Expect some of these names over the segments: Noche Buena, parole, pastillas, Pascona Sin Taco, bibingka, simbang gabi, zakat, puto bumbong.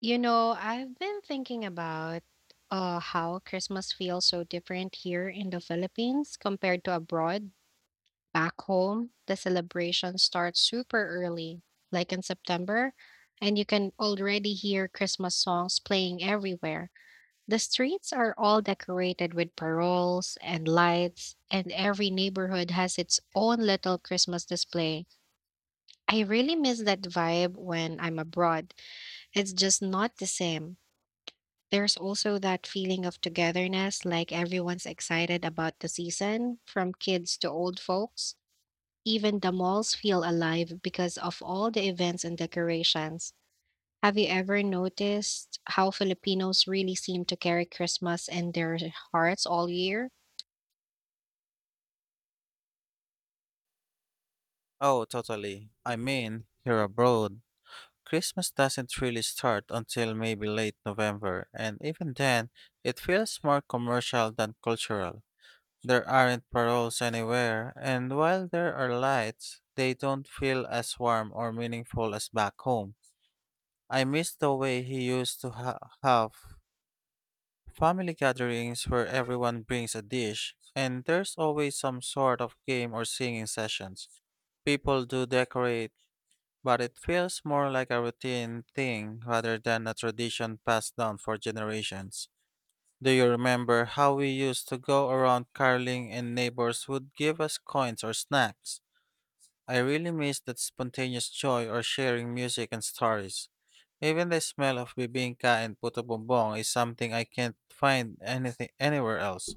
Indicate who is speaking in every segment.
Speaker 1: You know, I've been thinking about how Christmas feels so different here in the Philippines compared to abroad. Back home, the celebration starts super early, like in September, and you can already hear Christmas songs playing everywhere. The streets are all decorated with paroles and lights, and every neighborhood has its own little Christmas display. I really miss that vibe when I'm abroad. It's just not the same. There's also that feeling of togetherness, like everyone's excited about the season, from kids to old folks. Even the malls feel alive because of all the events and decorations. Have you ever noticed how Filipinos really seem to carry Christmas in their hearts all year?
Speaker 2: Oh, totally. I mean, here abroad, Christmas doesn't really start until maybe late November, and even then, it feels more commercial than cultural. There aren't paroles anywhere, and while there are lights, they don't feel as warm or meaningful as back home. I miss the way he used to have family gatherings where everyone brings a dish, and there's always some sort of game or singing sessions. People do decorate but it feels more like a routine thing rather than a tradition passed down for generations. Do you remember how we used to go around caroling and neighbors would give us coins or snacks? I really miss that spontaneous joy or sharing music and stories. Even the smell of bibingka and puto bumbong is something I can't find anything anywhere else.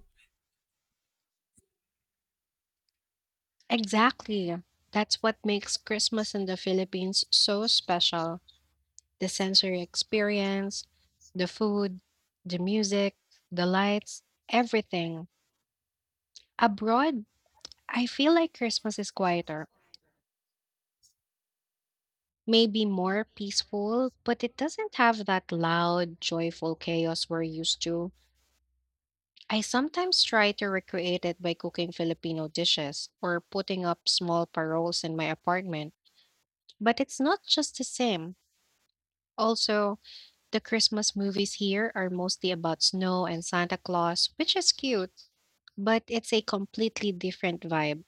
Speaker 1: Exactly. That's what makes Christmas in the Philippines so special. The sensory experience, the food, the music, the lights, everything. Abroad, I feel like Christmas is quieter, maybe more peaceful, but it doesn't have that loud, joyful chaos we're used to. I sometimes try to recreate it by cooking Filipino dishes or putting up small paroles in my apartment, but it's not just the same. Also, the Christmas movies here are mostly about snow and Santa Claus, which is cute, but it's a completely different vibe.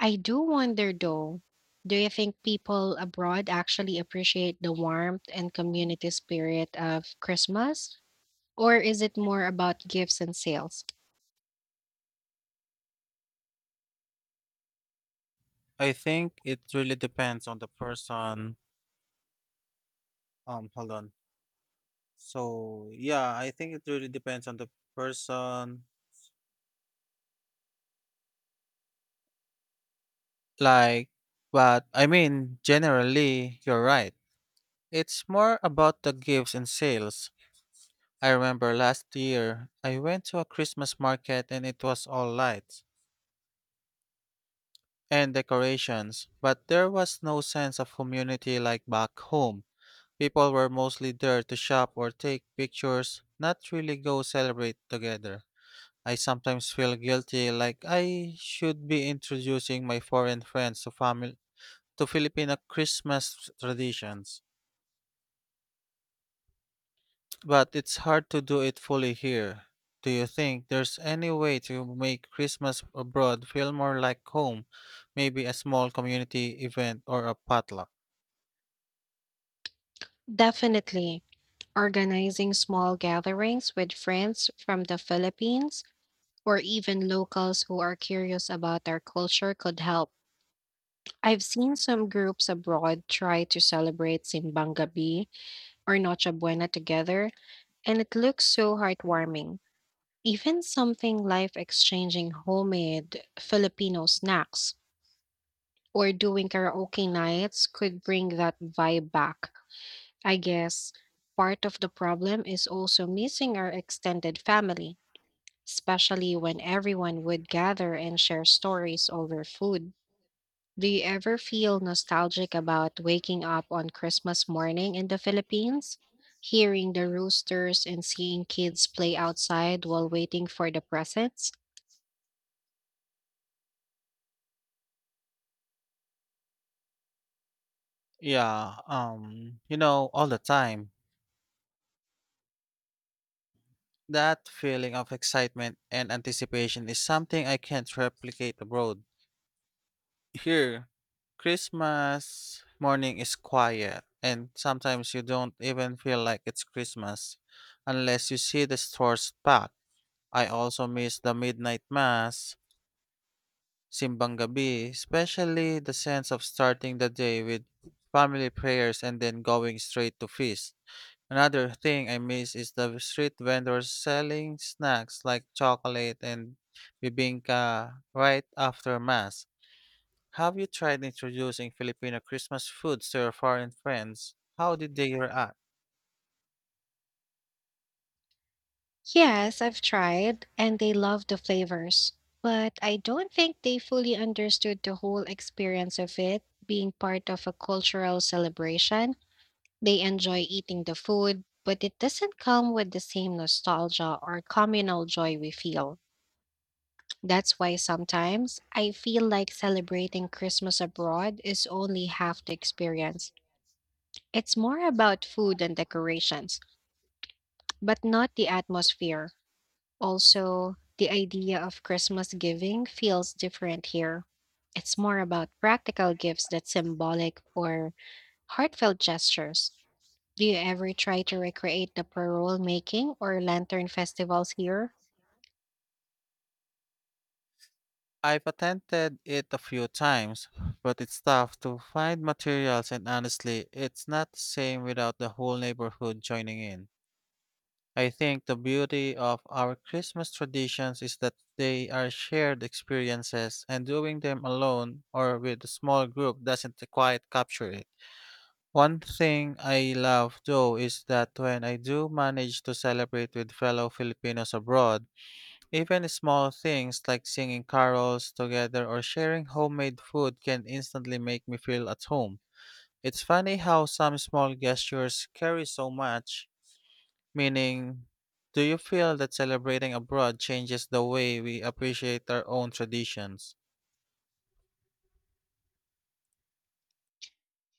Speaker 1: I do wonder though, do you think people abroad actually appreciate the warmth and community spirit of Christmas? Or is it more about gifts and sales?
Speaker 2: I think it really depends on the person. Hold on. So yeah, I think it really depends on the person. Like, but I mean, generally, you're right. It's more about the gifts and sales. I remember last year, I went to a Christmas market and it was all lights and decorations, but there was no sense of community like back home. People were mostly there to shop or take pictures, not really go celebrate together. I sometimes feel guilty like I should be introducing my foreign friends to family to Filipino Christmas traditions. But it's hard to do it fully here. Do you think there's any way to make Christmas abroad feel more like home? Maybe a small community event or a potluck?
Speaker 1: Definitely. Organizing small gatherings with friends from the Philippines or even locals who are curious about our culture could help. I've seen some groups abroad try to celebrate Simbang Gabi or Noche Buena together, and it looks so heartwarming. Even something like exchanging homemade Filipino snacks or doing karaoke nights could bring that vibe back. I guess part of the problem is also missing our extended family, especially when everyone would gather and share stories over food. Do you ever feel nostalgic about waking up on Christmas morning in the Philippines? Hearing the roosters and seeing kids play outside while waiting for the presents?
Speaker 2: Yeah, all the time. That feeling of excitement and anticipation is something I can't replicate abroad. Here, Christmas morning is quiet, and sometimes you don't even feel like it's Christmas unless you see the stores packed. I also miss the midnight mass, simbang gabi, especially the sense of starting the day with family prayers and then going straight to feast. Another thing I miss is the street vendors selling snacks like chocolate and bibingka right after mass. Have you tried introducing Filipino Christmas foods to your foreign friends? How did they react?
Speaker 1: Yes, I've tried, and they love the flavors, but I don't think they fully understood the whole experience of it being part of a cultural celebration. They enjoy eating the food, but it doesn't come with the same nostalgia or communal joy we feel. That's why sometimes I feel like celebrating Christmas abroad is only half the experience. It's more about food and decorations, but not the atmosphere. Also, the idea of Christmas giving feels different here. It's more about practical gifts that symbolic or heartfelt gestures. Do you ever try to recreate the parole making or lantern festivals here?
Speaker 2: I've attempted it a few times, but it's tough to find materials and honestly, it's not the same without the whole neighborhood joining in. I think the beauty of our Christmas traditions is that they are shared experiences and doing them alone or with a small group doesn't quite capture it. One thing I love though is that when I do manage to celebrate with fellow Filipinos abroad, even small things like singing carols together or sharing homemade food can instantly make me feel at home. It's funny how some small gestures carry so much meaning. Do you feel that celebrating abroad changes the way we appreciate our own traditions?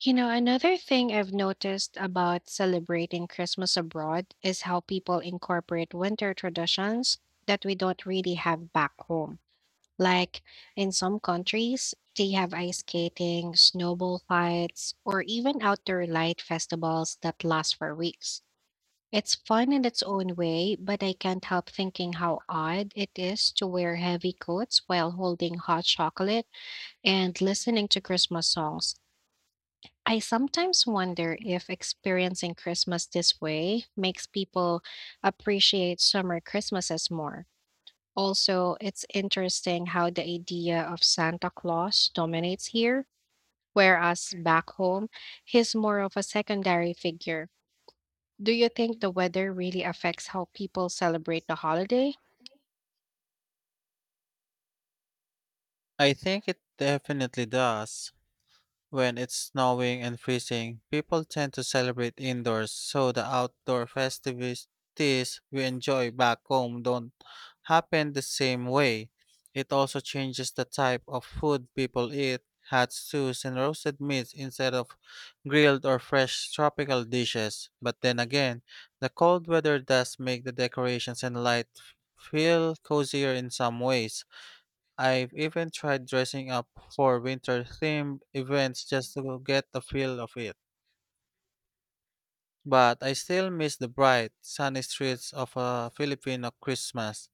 Speaker 1: You know, another thing I've noticed about celebrating Christmas abroad is how people incorporate winter traditions that we don't really have back home. Like in some countries, they have ice skating, snowball fights, or even outdoor light festivals that last for weeks. It's fun in its own way, but I can't help thinking how odd it is to wear heavy coats while holding hot chocolate and listening to Christmas songs. I sometimes wonder if experiencing Christmas this way makes people appreciate summer Christmases more. Also, it's interesting how the idea of Santa Claus dominates here, whereas back home, he's more of a secondary figure. Do you think the weather really affects how people celebrate the holiday?
Speaker 2: I think it definitely does. When it's snowing and freezing, people tend to celebrate indoors, so the outdoor festivities we enjoy back home don't happen the same way. It also changes the type of food people eat, hot stews and roasted meats instead of grilled or fresh tropical dishes. But then again, the cold weather does make the decorations and feel cozier in some ways. I've even tried dressing up for winter themed events just to get the feel of it. But I still miss the bright, sunny streets of a Filipino Christmas.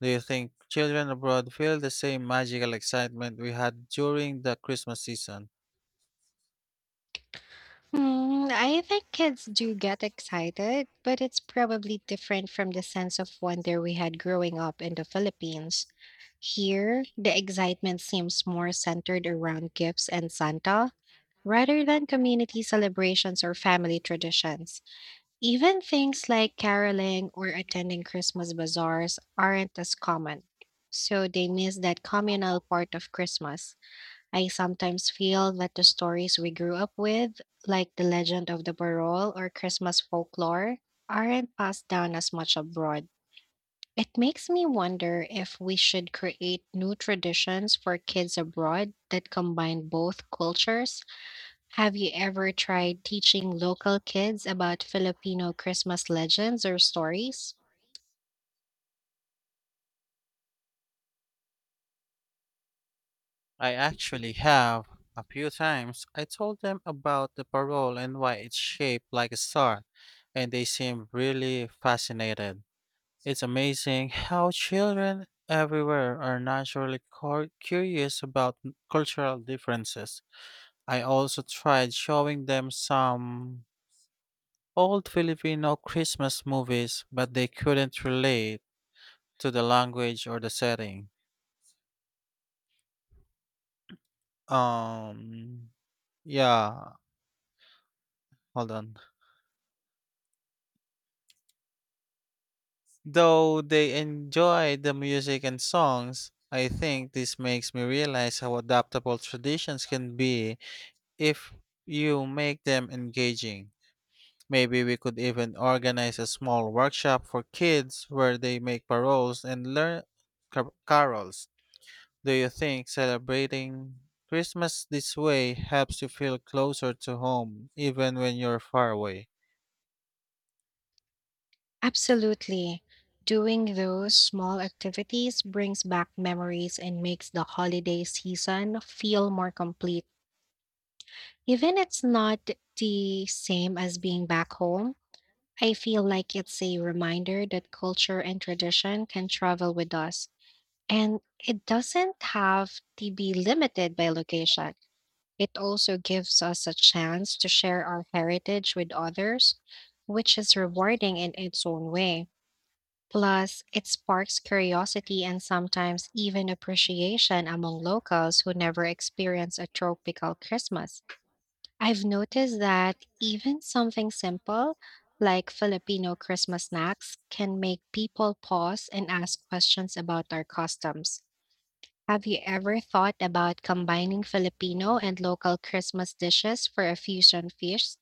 Speaker 2: Do you think children abroad feel the same magical excitement we had during the Christmas season?
Speaker 1: Hmm, I think kids do get excited, but it's probably different from the sense of wonder we had growing up in the Philippines. Here, the excitement seems more centered around gifts and Santa rather than community celebrations or family traditions. Even things like caroling or attending Christmas bazaars aren't as common, so they miss that communal part of Christmas. I sometimes feel that the stories we grew up with, like the legend of the barrel or Christmas folklore, aren't passed down as much abroad. It makes me wonder if we should create new traditions for kids abroad that combine both cultures. Have you ever tried teaching local kids about Filipino Christmas legends or stories?
Speaker 2: I actually have. A few times I told them about the parole and why it's shaped like a star, and they seemed really fascinated. It's amazing how children everywhere are naturally curious about cultural differences. I also tried showing them some old Filipino Christmas movies, but they couldn't relate to the language or the setting. Um, yeah, hold on. Though they enjoy the music and songs, I think this makes me realize how adaptable traditions can be if you make them engaging. Maybe we could even organize a small workshop for kids where they make paroles and learn carols. Do you think celebrating Christmas this way helps you feel closer to home even when you're far away?
Speaker 1: Absolutely. Doing those small activities brings back memories and makes the holiday season feel more complete. Even it's not the same as being back home, I feel like it's a reminder that culture and tradition can travel with us, and it doesn't have to be limited by location. It also gives us a chance to share our heritage with others, which is rewarding in its own way. Plus, it sparks curiosity and sometimes even appreciation among locals who never experience a tropical Christmas. I've noticed that even something simple like Filipino Christmas snacks can make people pause and ask questions about our customs. Have you ever thought about combining Filipino and local Christmas dishes for a fusion feast?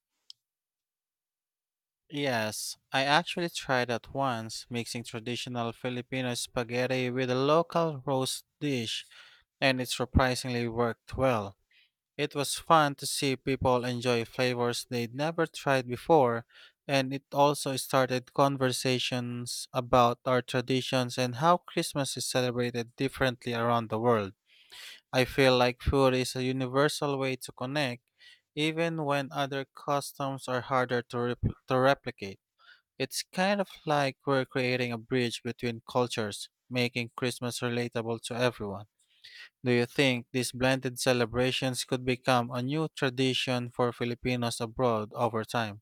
Speaker 2: Yes, I actually tried that once, mixing traditional Filipino spaghetti with a local roast dish, and it surprisingly worked well. It was fun to see people enjoy flavors they'd never tried before, and it also started conversations about our traditions and how Christmas is celebrated differently around the world. I feel like food is a universal way to connect, even when other customs are harder to replicate. It's kind of like we're creating a bridge between cultures, making Christmas relatable to everyone. Do you think these blended celebrations could become a new tradition for Filipinos abroad over time?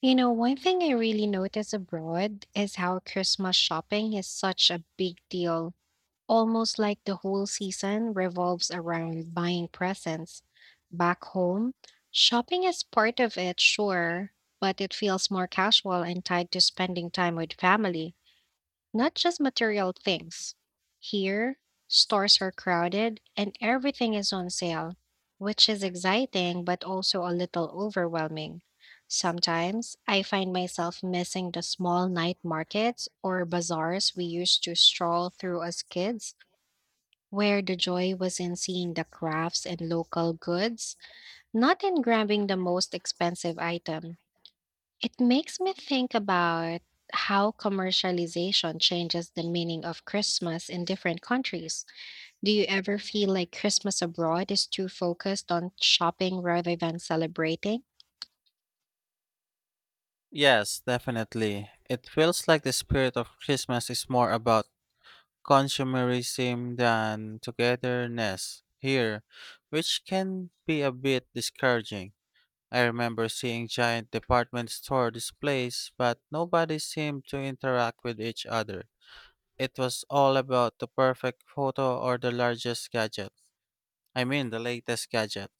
Speaker 1: You know, one thing I really notice abroad is how Christmas shopping is such a big deal. Almost like the whole season revolves around buying presents. Back home, shopping is part of it, sure, but it feels more casual and tied to spending time with family. Not just material things. Here, stores are crowded and everything is on sale, which is exciting but also a little overwhelming. Sometimes I find myself missing the small night markets or bazaars we used to stroll through as kids, where the joy was in seeing the crafts and local goods, not in grabbing the most expensive item. It makes me think about how commercialization changes the meaning of Christmas in different countries. Do you ever feel like Christmas abroad is too focused on shopping rather than celebrating?
Speaker 2: Yes, definitely. It feels like the spirit of Christmas is more about consumerism than togetherness here, which can be a bit discouraging. I remember seeing giant department store displays, but nobody seemed to interact with each other. It was all about the perfect photo or the largest gadget. I mean, the latest gadget.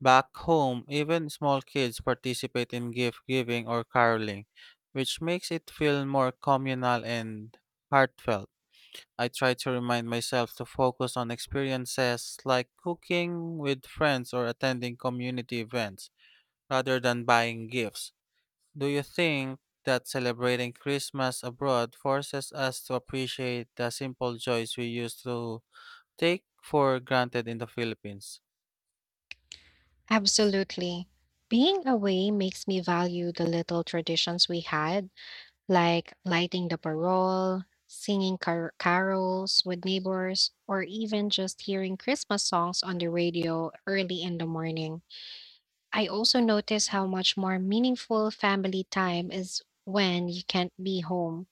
Speaker 2: Back home, even small kids participate in gift giving or caroling, which makes it feel more communal and heartfelt. I try to remind myself to focus on experiences like cooking with friends or attending community events rather than buying gifts. Do you think that celebrating Christmas abroad forces us to appreciate the simple joys we used to take for granted in the Philippines?
Speaker 1: Absolutely. Being away makes me value the little traditions we had, like lighting the parole, singing carols with neighbors, or even just hearing Christmas songs on the radio early in the morning. I also notice how much more meaningful family time is when you can't be home.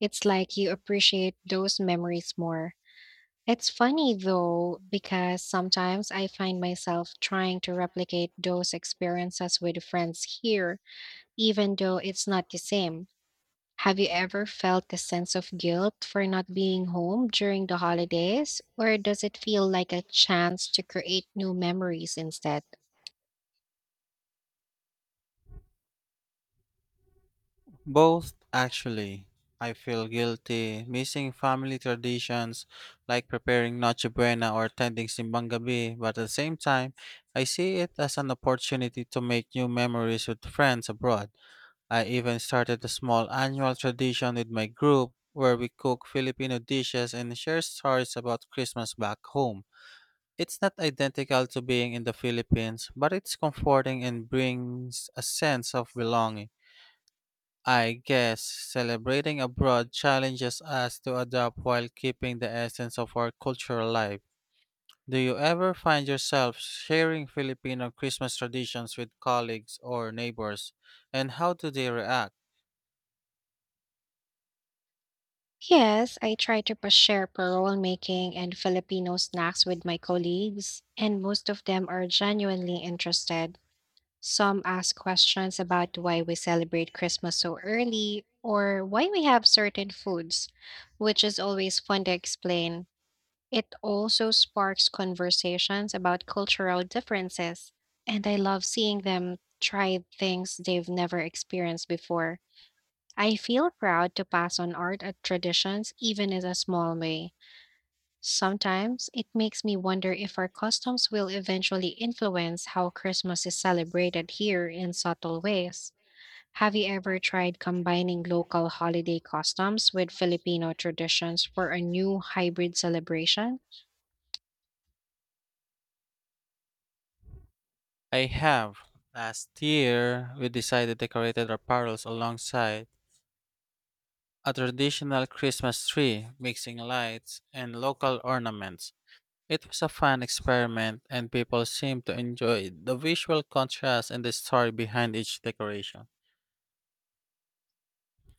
Speaker 1: It's like you appreciate those memories more. It's funny though, because sometimes I find myself trying to replicate those experiences with friends here, even though it's not the same. Have you ever felt a sense of guilt for not being home during the holidays, or does it feel like a chance to create new memories instead?
Speaker 2: Both, actually. I feel guilty missing family traditions like preparing Noche Buena or attending Simbang Gabi, but at the same time, I see it as an opportunity to make new memories with friends abroad. I even started a small annual tradition with my group where we cook Filipino dishes and share stories about Christmas back home. It's not identical to being in the Philippines, but it's comforting and brings a sense of belonging. I guess celebrating abroad challenges us to adapt while keeping the essence of our culture alive. Do you ever find yourself sharing Filipino Christmas traditions with colleagues or neighbors? And how do they react?
Speaker 1: Yes, I try to share parole making and Filipino snacks with my colleagues, and most of them are genuinely interested. Some ask questions about why we celebrate Christmas so early or why we have certain foods, which is always fun to explain. It also sparks conversations about cultural differences, and I love seeing them try things they've never experienced before. I feel proud to pass on art traditions, even in a small way. Sometimes it makes me wonder if our customs will eventually influence how Christmas is celebrated here in subtle ways. Have you ever tried combining local holiday customs with Filipino traditions for a new hybrid celebration?
Speaker 2: I have. Last year, we decided to decorate our parlors alongside a traditional Christmas tree, mixing lights and local ornaments. It was a fun experiment, and people seemed to enjoy the visual contrast and the story behind each decoration.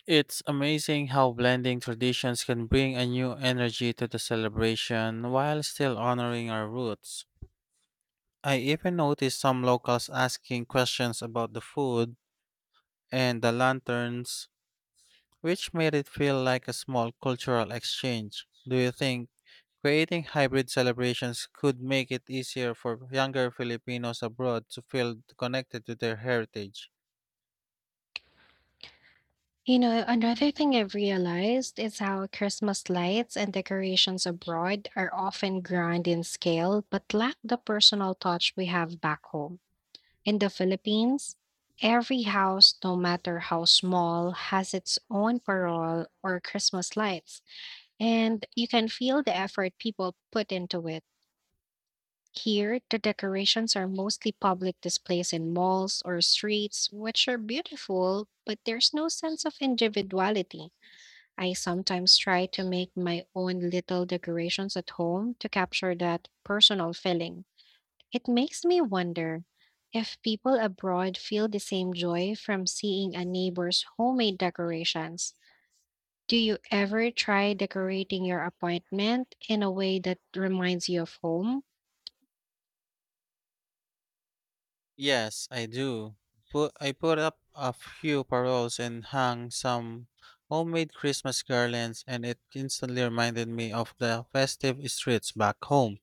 Speaker 2: It's amazing how blending traditions can bring a new energy to the celebration while still honoring our roots. I even noticed some locals asking questions about the food and the lanterns, which made it feel like a small cultural exchange. Do you think creating hybrid celebrations could make it easier for younger Filipinos abroad to feel connected to their heritage?
Speaker 1: You know, another thing I've realized is how Christmas lights and decorations abroad are often grand in scale but lack the personal touch we have back home. In the Philippines, every house, no matter how small, has its own parol or Christmas lights, and you can feel the effort people put into it. Here, the decorations are mostly public displays in malls or streets, which are beautiful, but there's no sense of individuality. I sometimes try to make my own little decorations at home to capture that personal feeling. It makes me wonder if people abroad feel the same joy from seeing a neighbor's homemade decorations. Do you ever try decorating your apartment in a way that reminds you of home?
Speaker 2: Yes, I do. I put up a few paroles and hung some homemade Christmas garlands, and it instantly reminded me of the festive streets back home.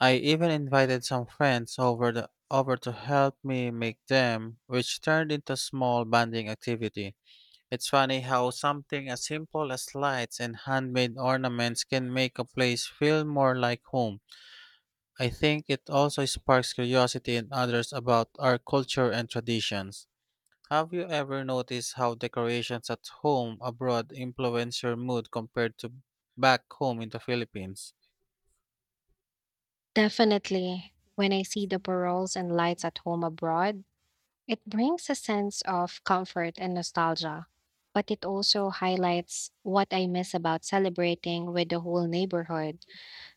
Speaker 2: I even invited some friends over to help me make them, which turned into a small bonding activity. It's funny how something as simple as lights and handmade ornaments can make a place feel more like home. I think it also sparks curiosity in others about our culture and traditions. Have you ever noticed how decorations at home abroad influence your mood compared to back home in the Philippines?
Speaker 1: Definitely. When I see the paroles and lights at home abroad, it brings a sense of comfort and nostalgia. But it also highlights what I miss about celebrating with the whole neighborhood.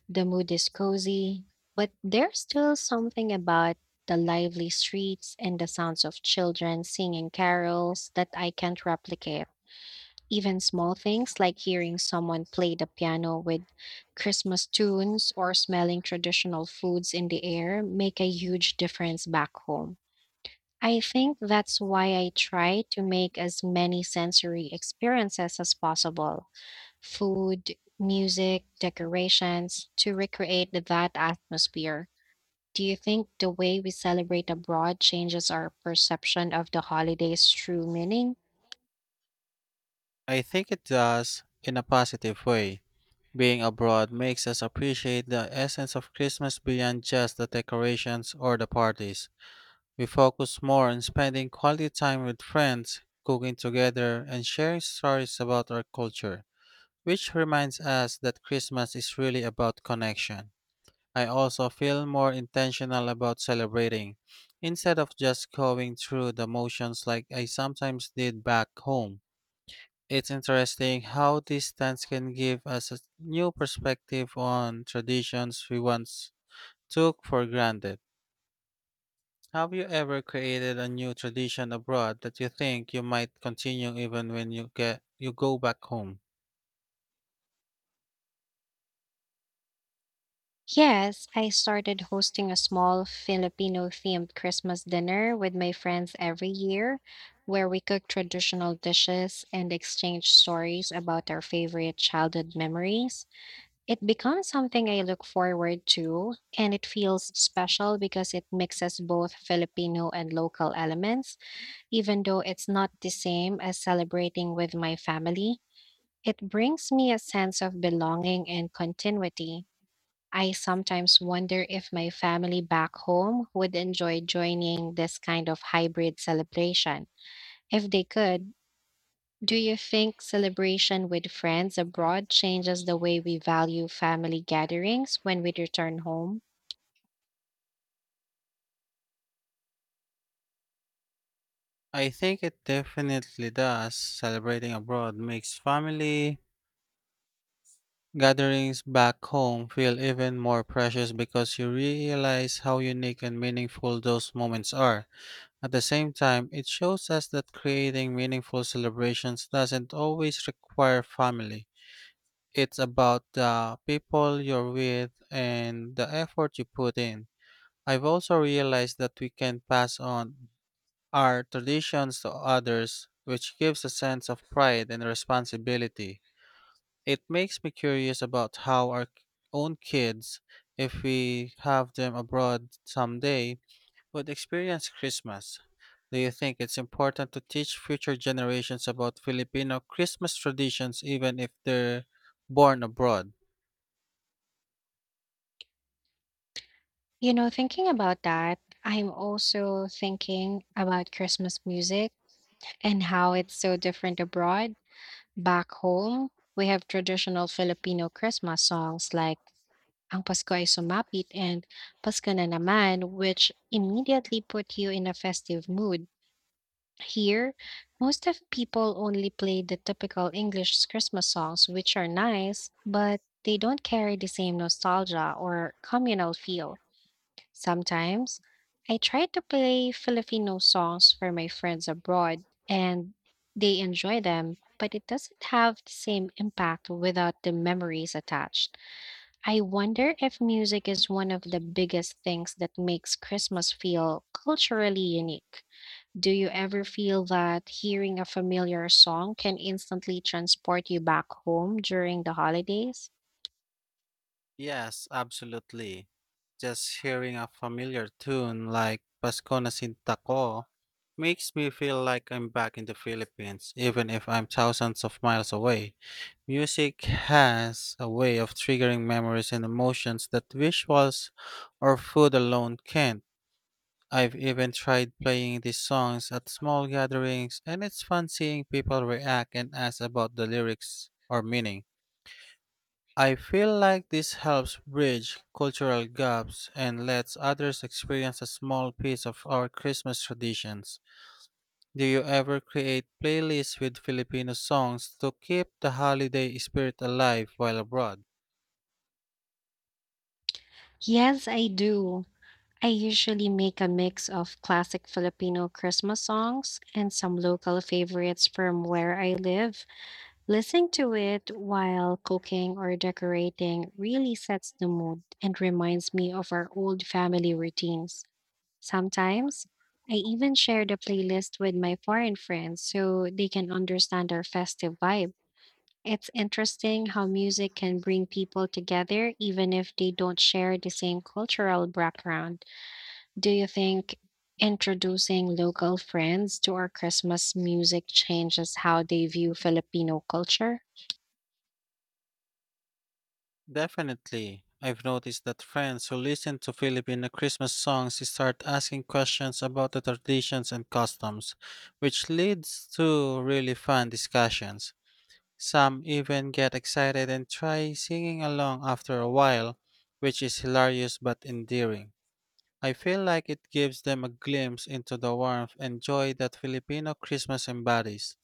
Speaker 1: The mood is cozy, but there's still something about the lively streets and the sounds of children singing carols that I can't replicate. Even small things like hearing someone play the piano with Christmas tunes or smelling traditional foods in the air make a huge difference back home. I think that's why I try to make as many sensory experiences as possible, food, music, decorations, to recreate that atmosphere. Do you think the way we celebrate abroad changes our perception of the holiday's true meaning?
Speaker 2: I think it does in a positive way. Being abroad makes us appreciate the essence of Christmas beyond just the decorations or the parties. We focus more on spending quality time with friends, cooking together, and sharing stories about our culture, which reminds us that Christmas is really about connection. I also feel more intentional about celebrating, instead of just going through the motions like I sometimes did back home. It's interesting how distance can give us a new perspective on traditions we once took for granted. Have you ever created a new tradition abroad that you think you might continue even when you go back home?
Speaker 1: Yes, I started hosting a small Filipino themed Christmas dinner with my friends every year, where we cook traditional dishes and exchange stories about our favorite childhood memories. It becomes something I look forward to, and it feels special because it mixes both Filipino and local elements, even though it's not the same as celebrating with my family. It brings me a sense of belonging and continuity. I sometimes wonder if my family back home would enjoy joining this kind of hybrid celebration. If they could, do you think celebration with friends abroad changes the way we value family gatherings when we return home?
Speaker 2: I think it definitely does. Celebrating abroad makes family gatherings back home feel even more precious because you realize how unique and meaningful those moments are. At the same time, it shows us that creating meaningful celebrations doesn't always require family. It's about the people you're with and the effort you put in. I've also realized that we can pass on our traditions to others, which gives a sense of pride and responsibility. It makes me curious about how our own kids, if we have them abroad someday, would experience Christmas. Do you think it's important to teach future generations about Filipino Christmas traditions even if they're born abroad?
Speaker 1: You know, thinking about that, I'm also thinking about Christmas music and how it's so different abroad. Back home, we have traditional Filipino Christmas songs like Ang Pasko ay Sumapit and Pasko na naman, which immediately put you in a festive mood. Here, most of people only play the typical English Christmas songs, which are nice, but they don't carry the same nostalgia or communal feel. Sometimes, I try to play Filipino songs for my friends abroad, and they enjoy them, but it doesn't have the same impact without the memories attached. I wonder if music is one of the biggest things that makes Christmas feel culturally unique. Do you ever feel that hearing a familiar song can instantly transport you back home during the holidays?
Speaker 2: Yes, absolutely. Just hearing a familiar tune like Pascona Sin Taco makes me feel like I'm back in the Philippines, even if I'm thousands of miles away. Music has a way of triggering memories and emotions that visuals or food alone can't. I've even tried playing these songs at small gatherings, and it's fun seeing people react and ask about the lyrics or meaning. I feel like this helps bridge cultural gaps and lets others experience a small piece of our Christmas traditions. Do you ever create playlists with Filipino songs to keep the holiday spirit alive while abroad?
Speaker 1: Yes, I do. I usually make a mix of classic Filipino Christmas songs and some local favorites from where I live. Listening to it while cooking or decorating really sets the mood and reminds me of our old family routines. Sometimes I even share the playlist with my foreign friends so they can understand our festive vibe. It's interesting how music can bring people together even if they don't share the same cultural background. Do you think introducing local friends to our Christmas music changes how they view Filipino culture?
Speaker 2: Definitely. I've noticed that friends who listen to Filipino Christmas songs start asking questions about the traditions and customs, which leads to really fun discussions. Some even get excited and try singing along after a while, which is hilarious but endearing. I feel like it gives them a glimpse into the warmth and joy that Filipino Christmas embodies.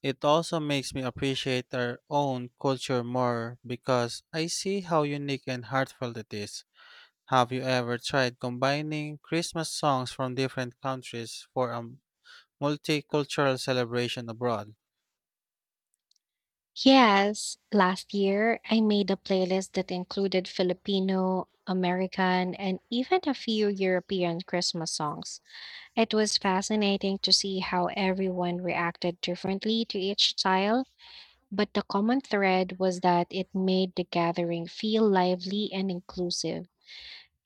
Speaker 2: It also makes me appreciate our own culture more because I see how unique and heartfelt it is. Have you ever tried combining Christmas songs from different countries for a multicultural celebration abroad?
Speaker 1: Yes, last year I made a playlist that included Filipino, American, and even a few European Christmas songs. It was fascinating to see how everyone reacted differently to each style, but the common thread was that it made the gathering feel lively and inclusive.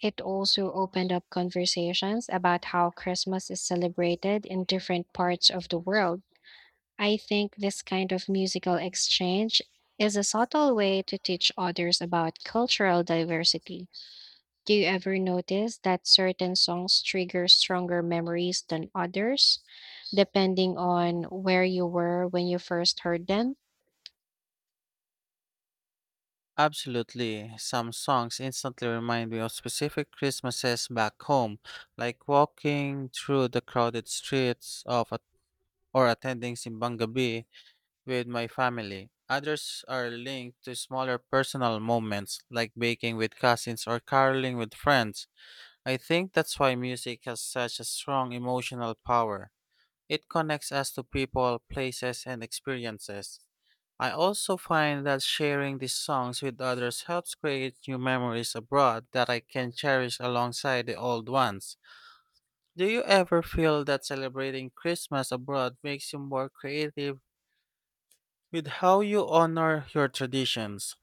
Speaker 1: It also opened up conversations about how Christmas is celebrated in different parts of the world. I think this kind of musical exchange is a subtle way to teach others about cultural diversity. Do you ever notice that certain songs trigger stronger memories than others, depending on where you were when you first heard them?
Speaker 2: Absolutely. Some songs instantly remind me of specific Christmases back home, like walking through the crowded streets of or attending Simbang Gabi with my family. Others are linked to smaller personal moments, like baking with cousins or caroling with friends. I think that's why music has such a strong emotional power. It connects us to people, places, and experiences. I also find that sharing these songs with others helps create new memories abroad that I can cherish alongside the old ones. Do you ever feel that celebrating Christmas abroad makes you more creative with how you honor your traditions?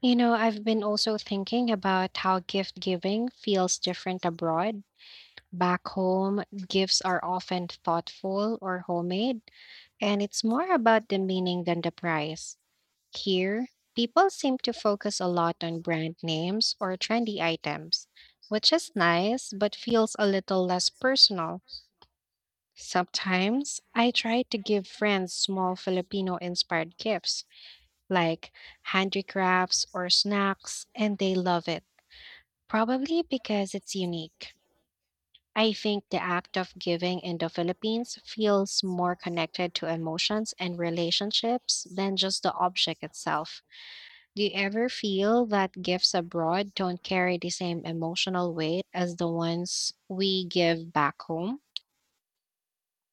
Speaker 1: You know, I've been also thinking about how gift giving feels different abroad. Back home, gifts are often thoughtful or homemade, and it's more about the meaning than the price. Here, people seem to focus a lot on brand names or trendy items, which is nice but feels a little less personal. Sometimes I try to give friends small Filipino inspired gifts, like handicrafts or snacks, and they love it, probably because it's unique. I think the act of giving in the Philippines feels more connected to emotions and relationships than just the object itself. Do you ever feel that gifts abroad don't carry the same emotional weight as the ones we give back home?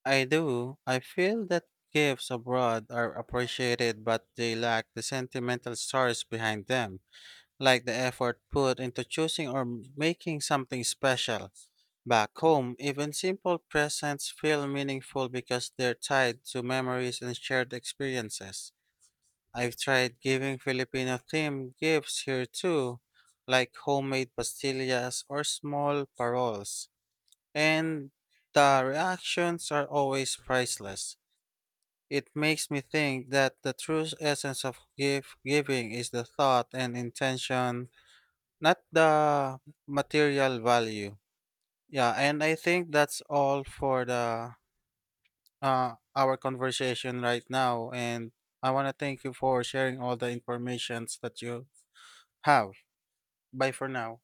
Speaker 2: I do. I feel that gifts abroad are appreciated, but they lack the sentimental stories behind them, like the effort put into choosing or making something special. Back home, even simple presents feel meaningful because they're tied to memories and shared experiences. I've tried giving Filipino themed gifts here too, like homemade pastillas or small paroles, and the reactions are always priceless. It makes me think that the true essence of gift giving is the thought and intention not the material value. Yeah, and I think that's all for the our conversation right now. And I wanna thank you for sharing all the informations that you have. Bye for now.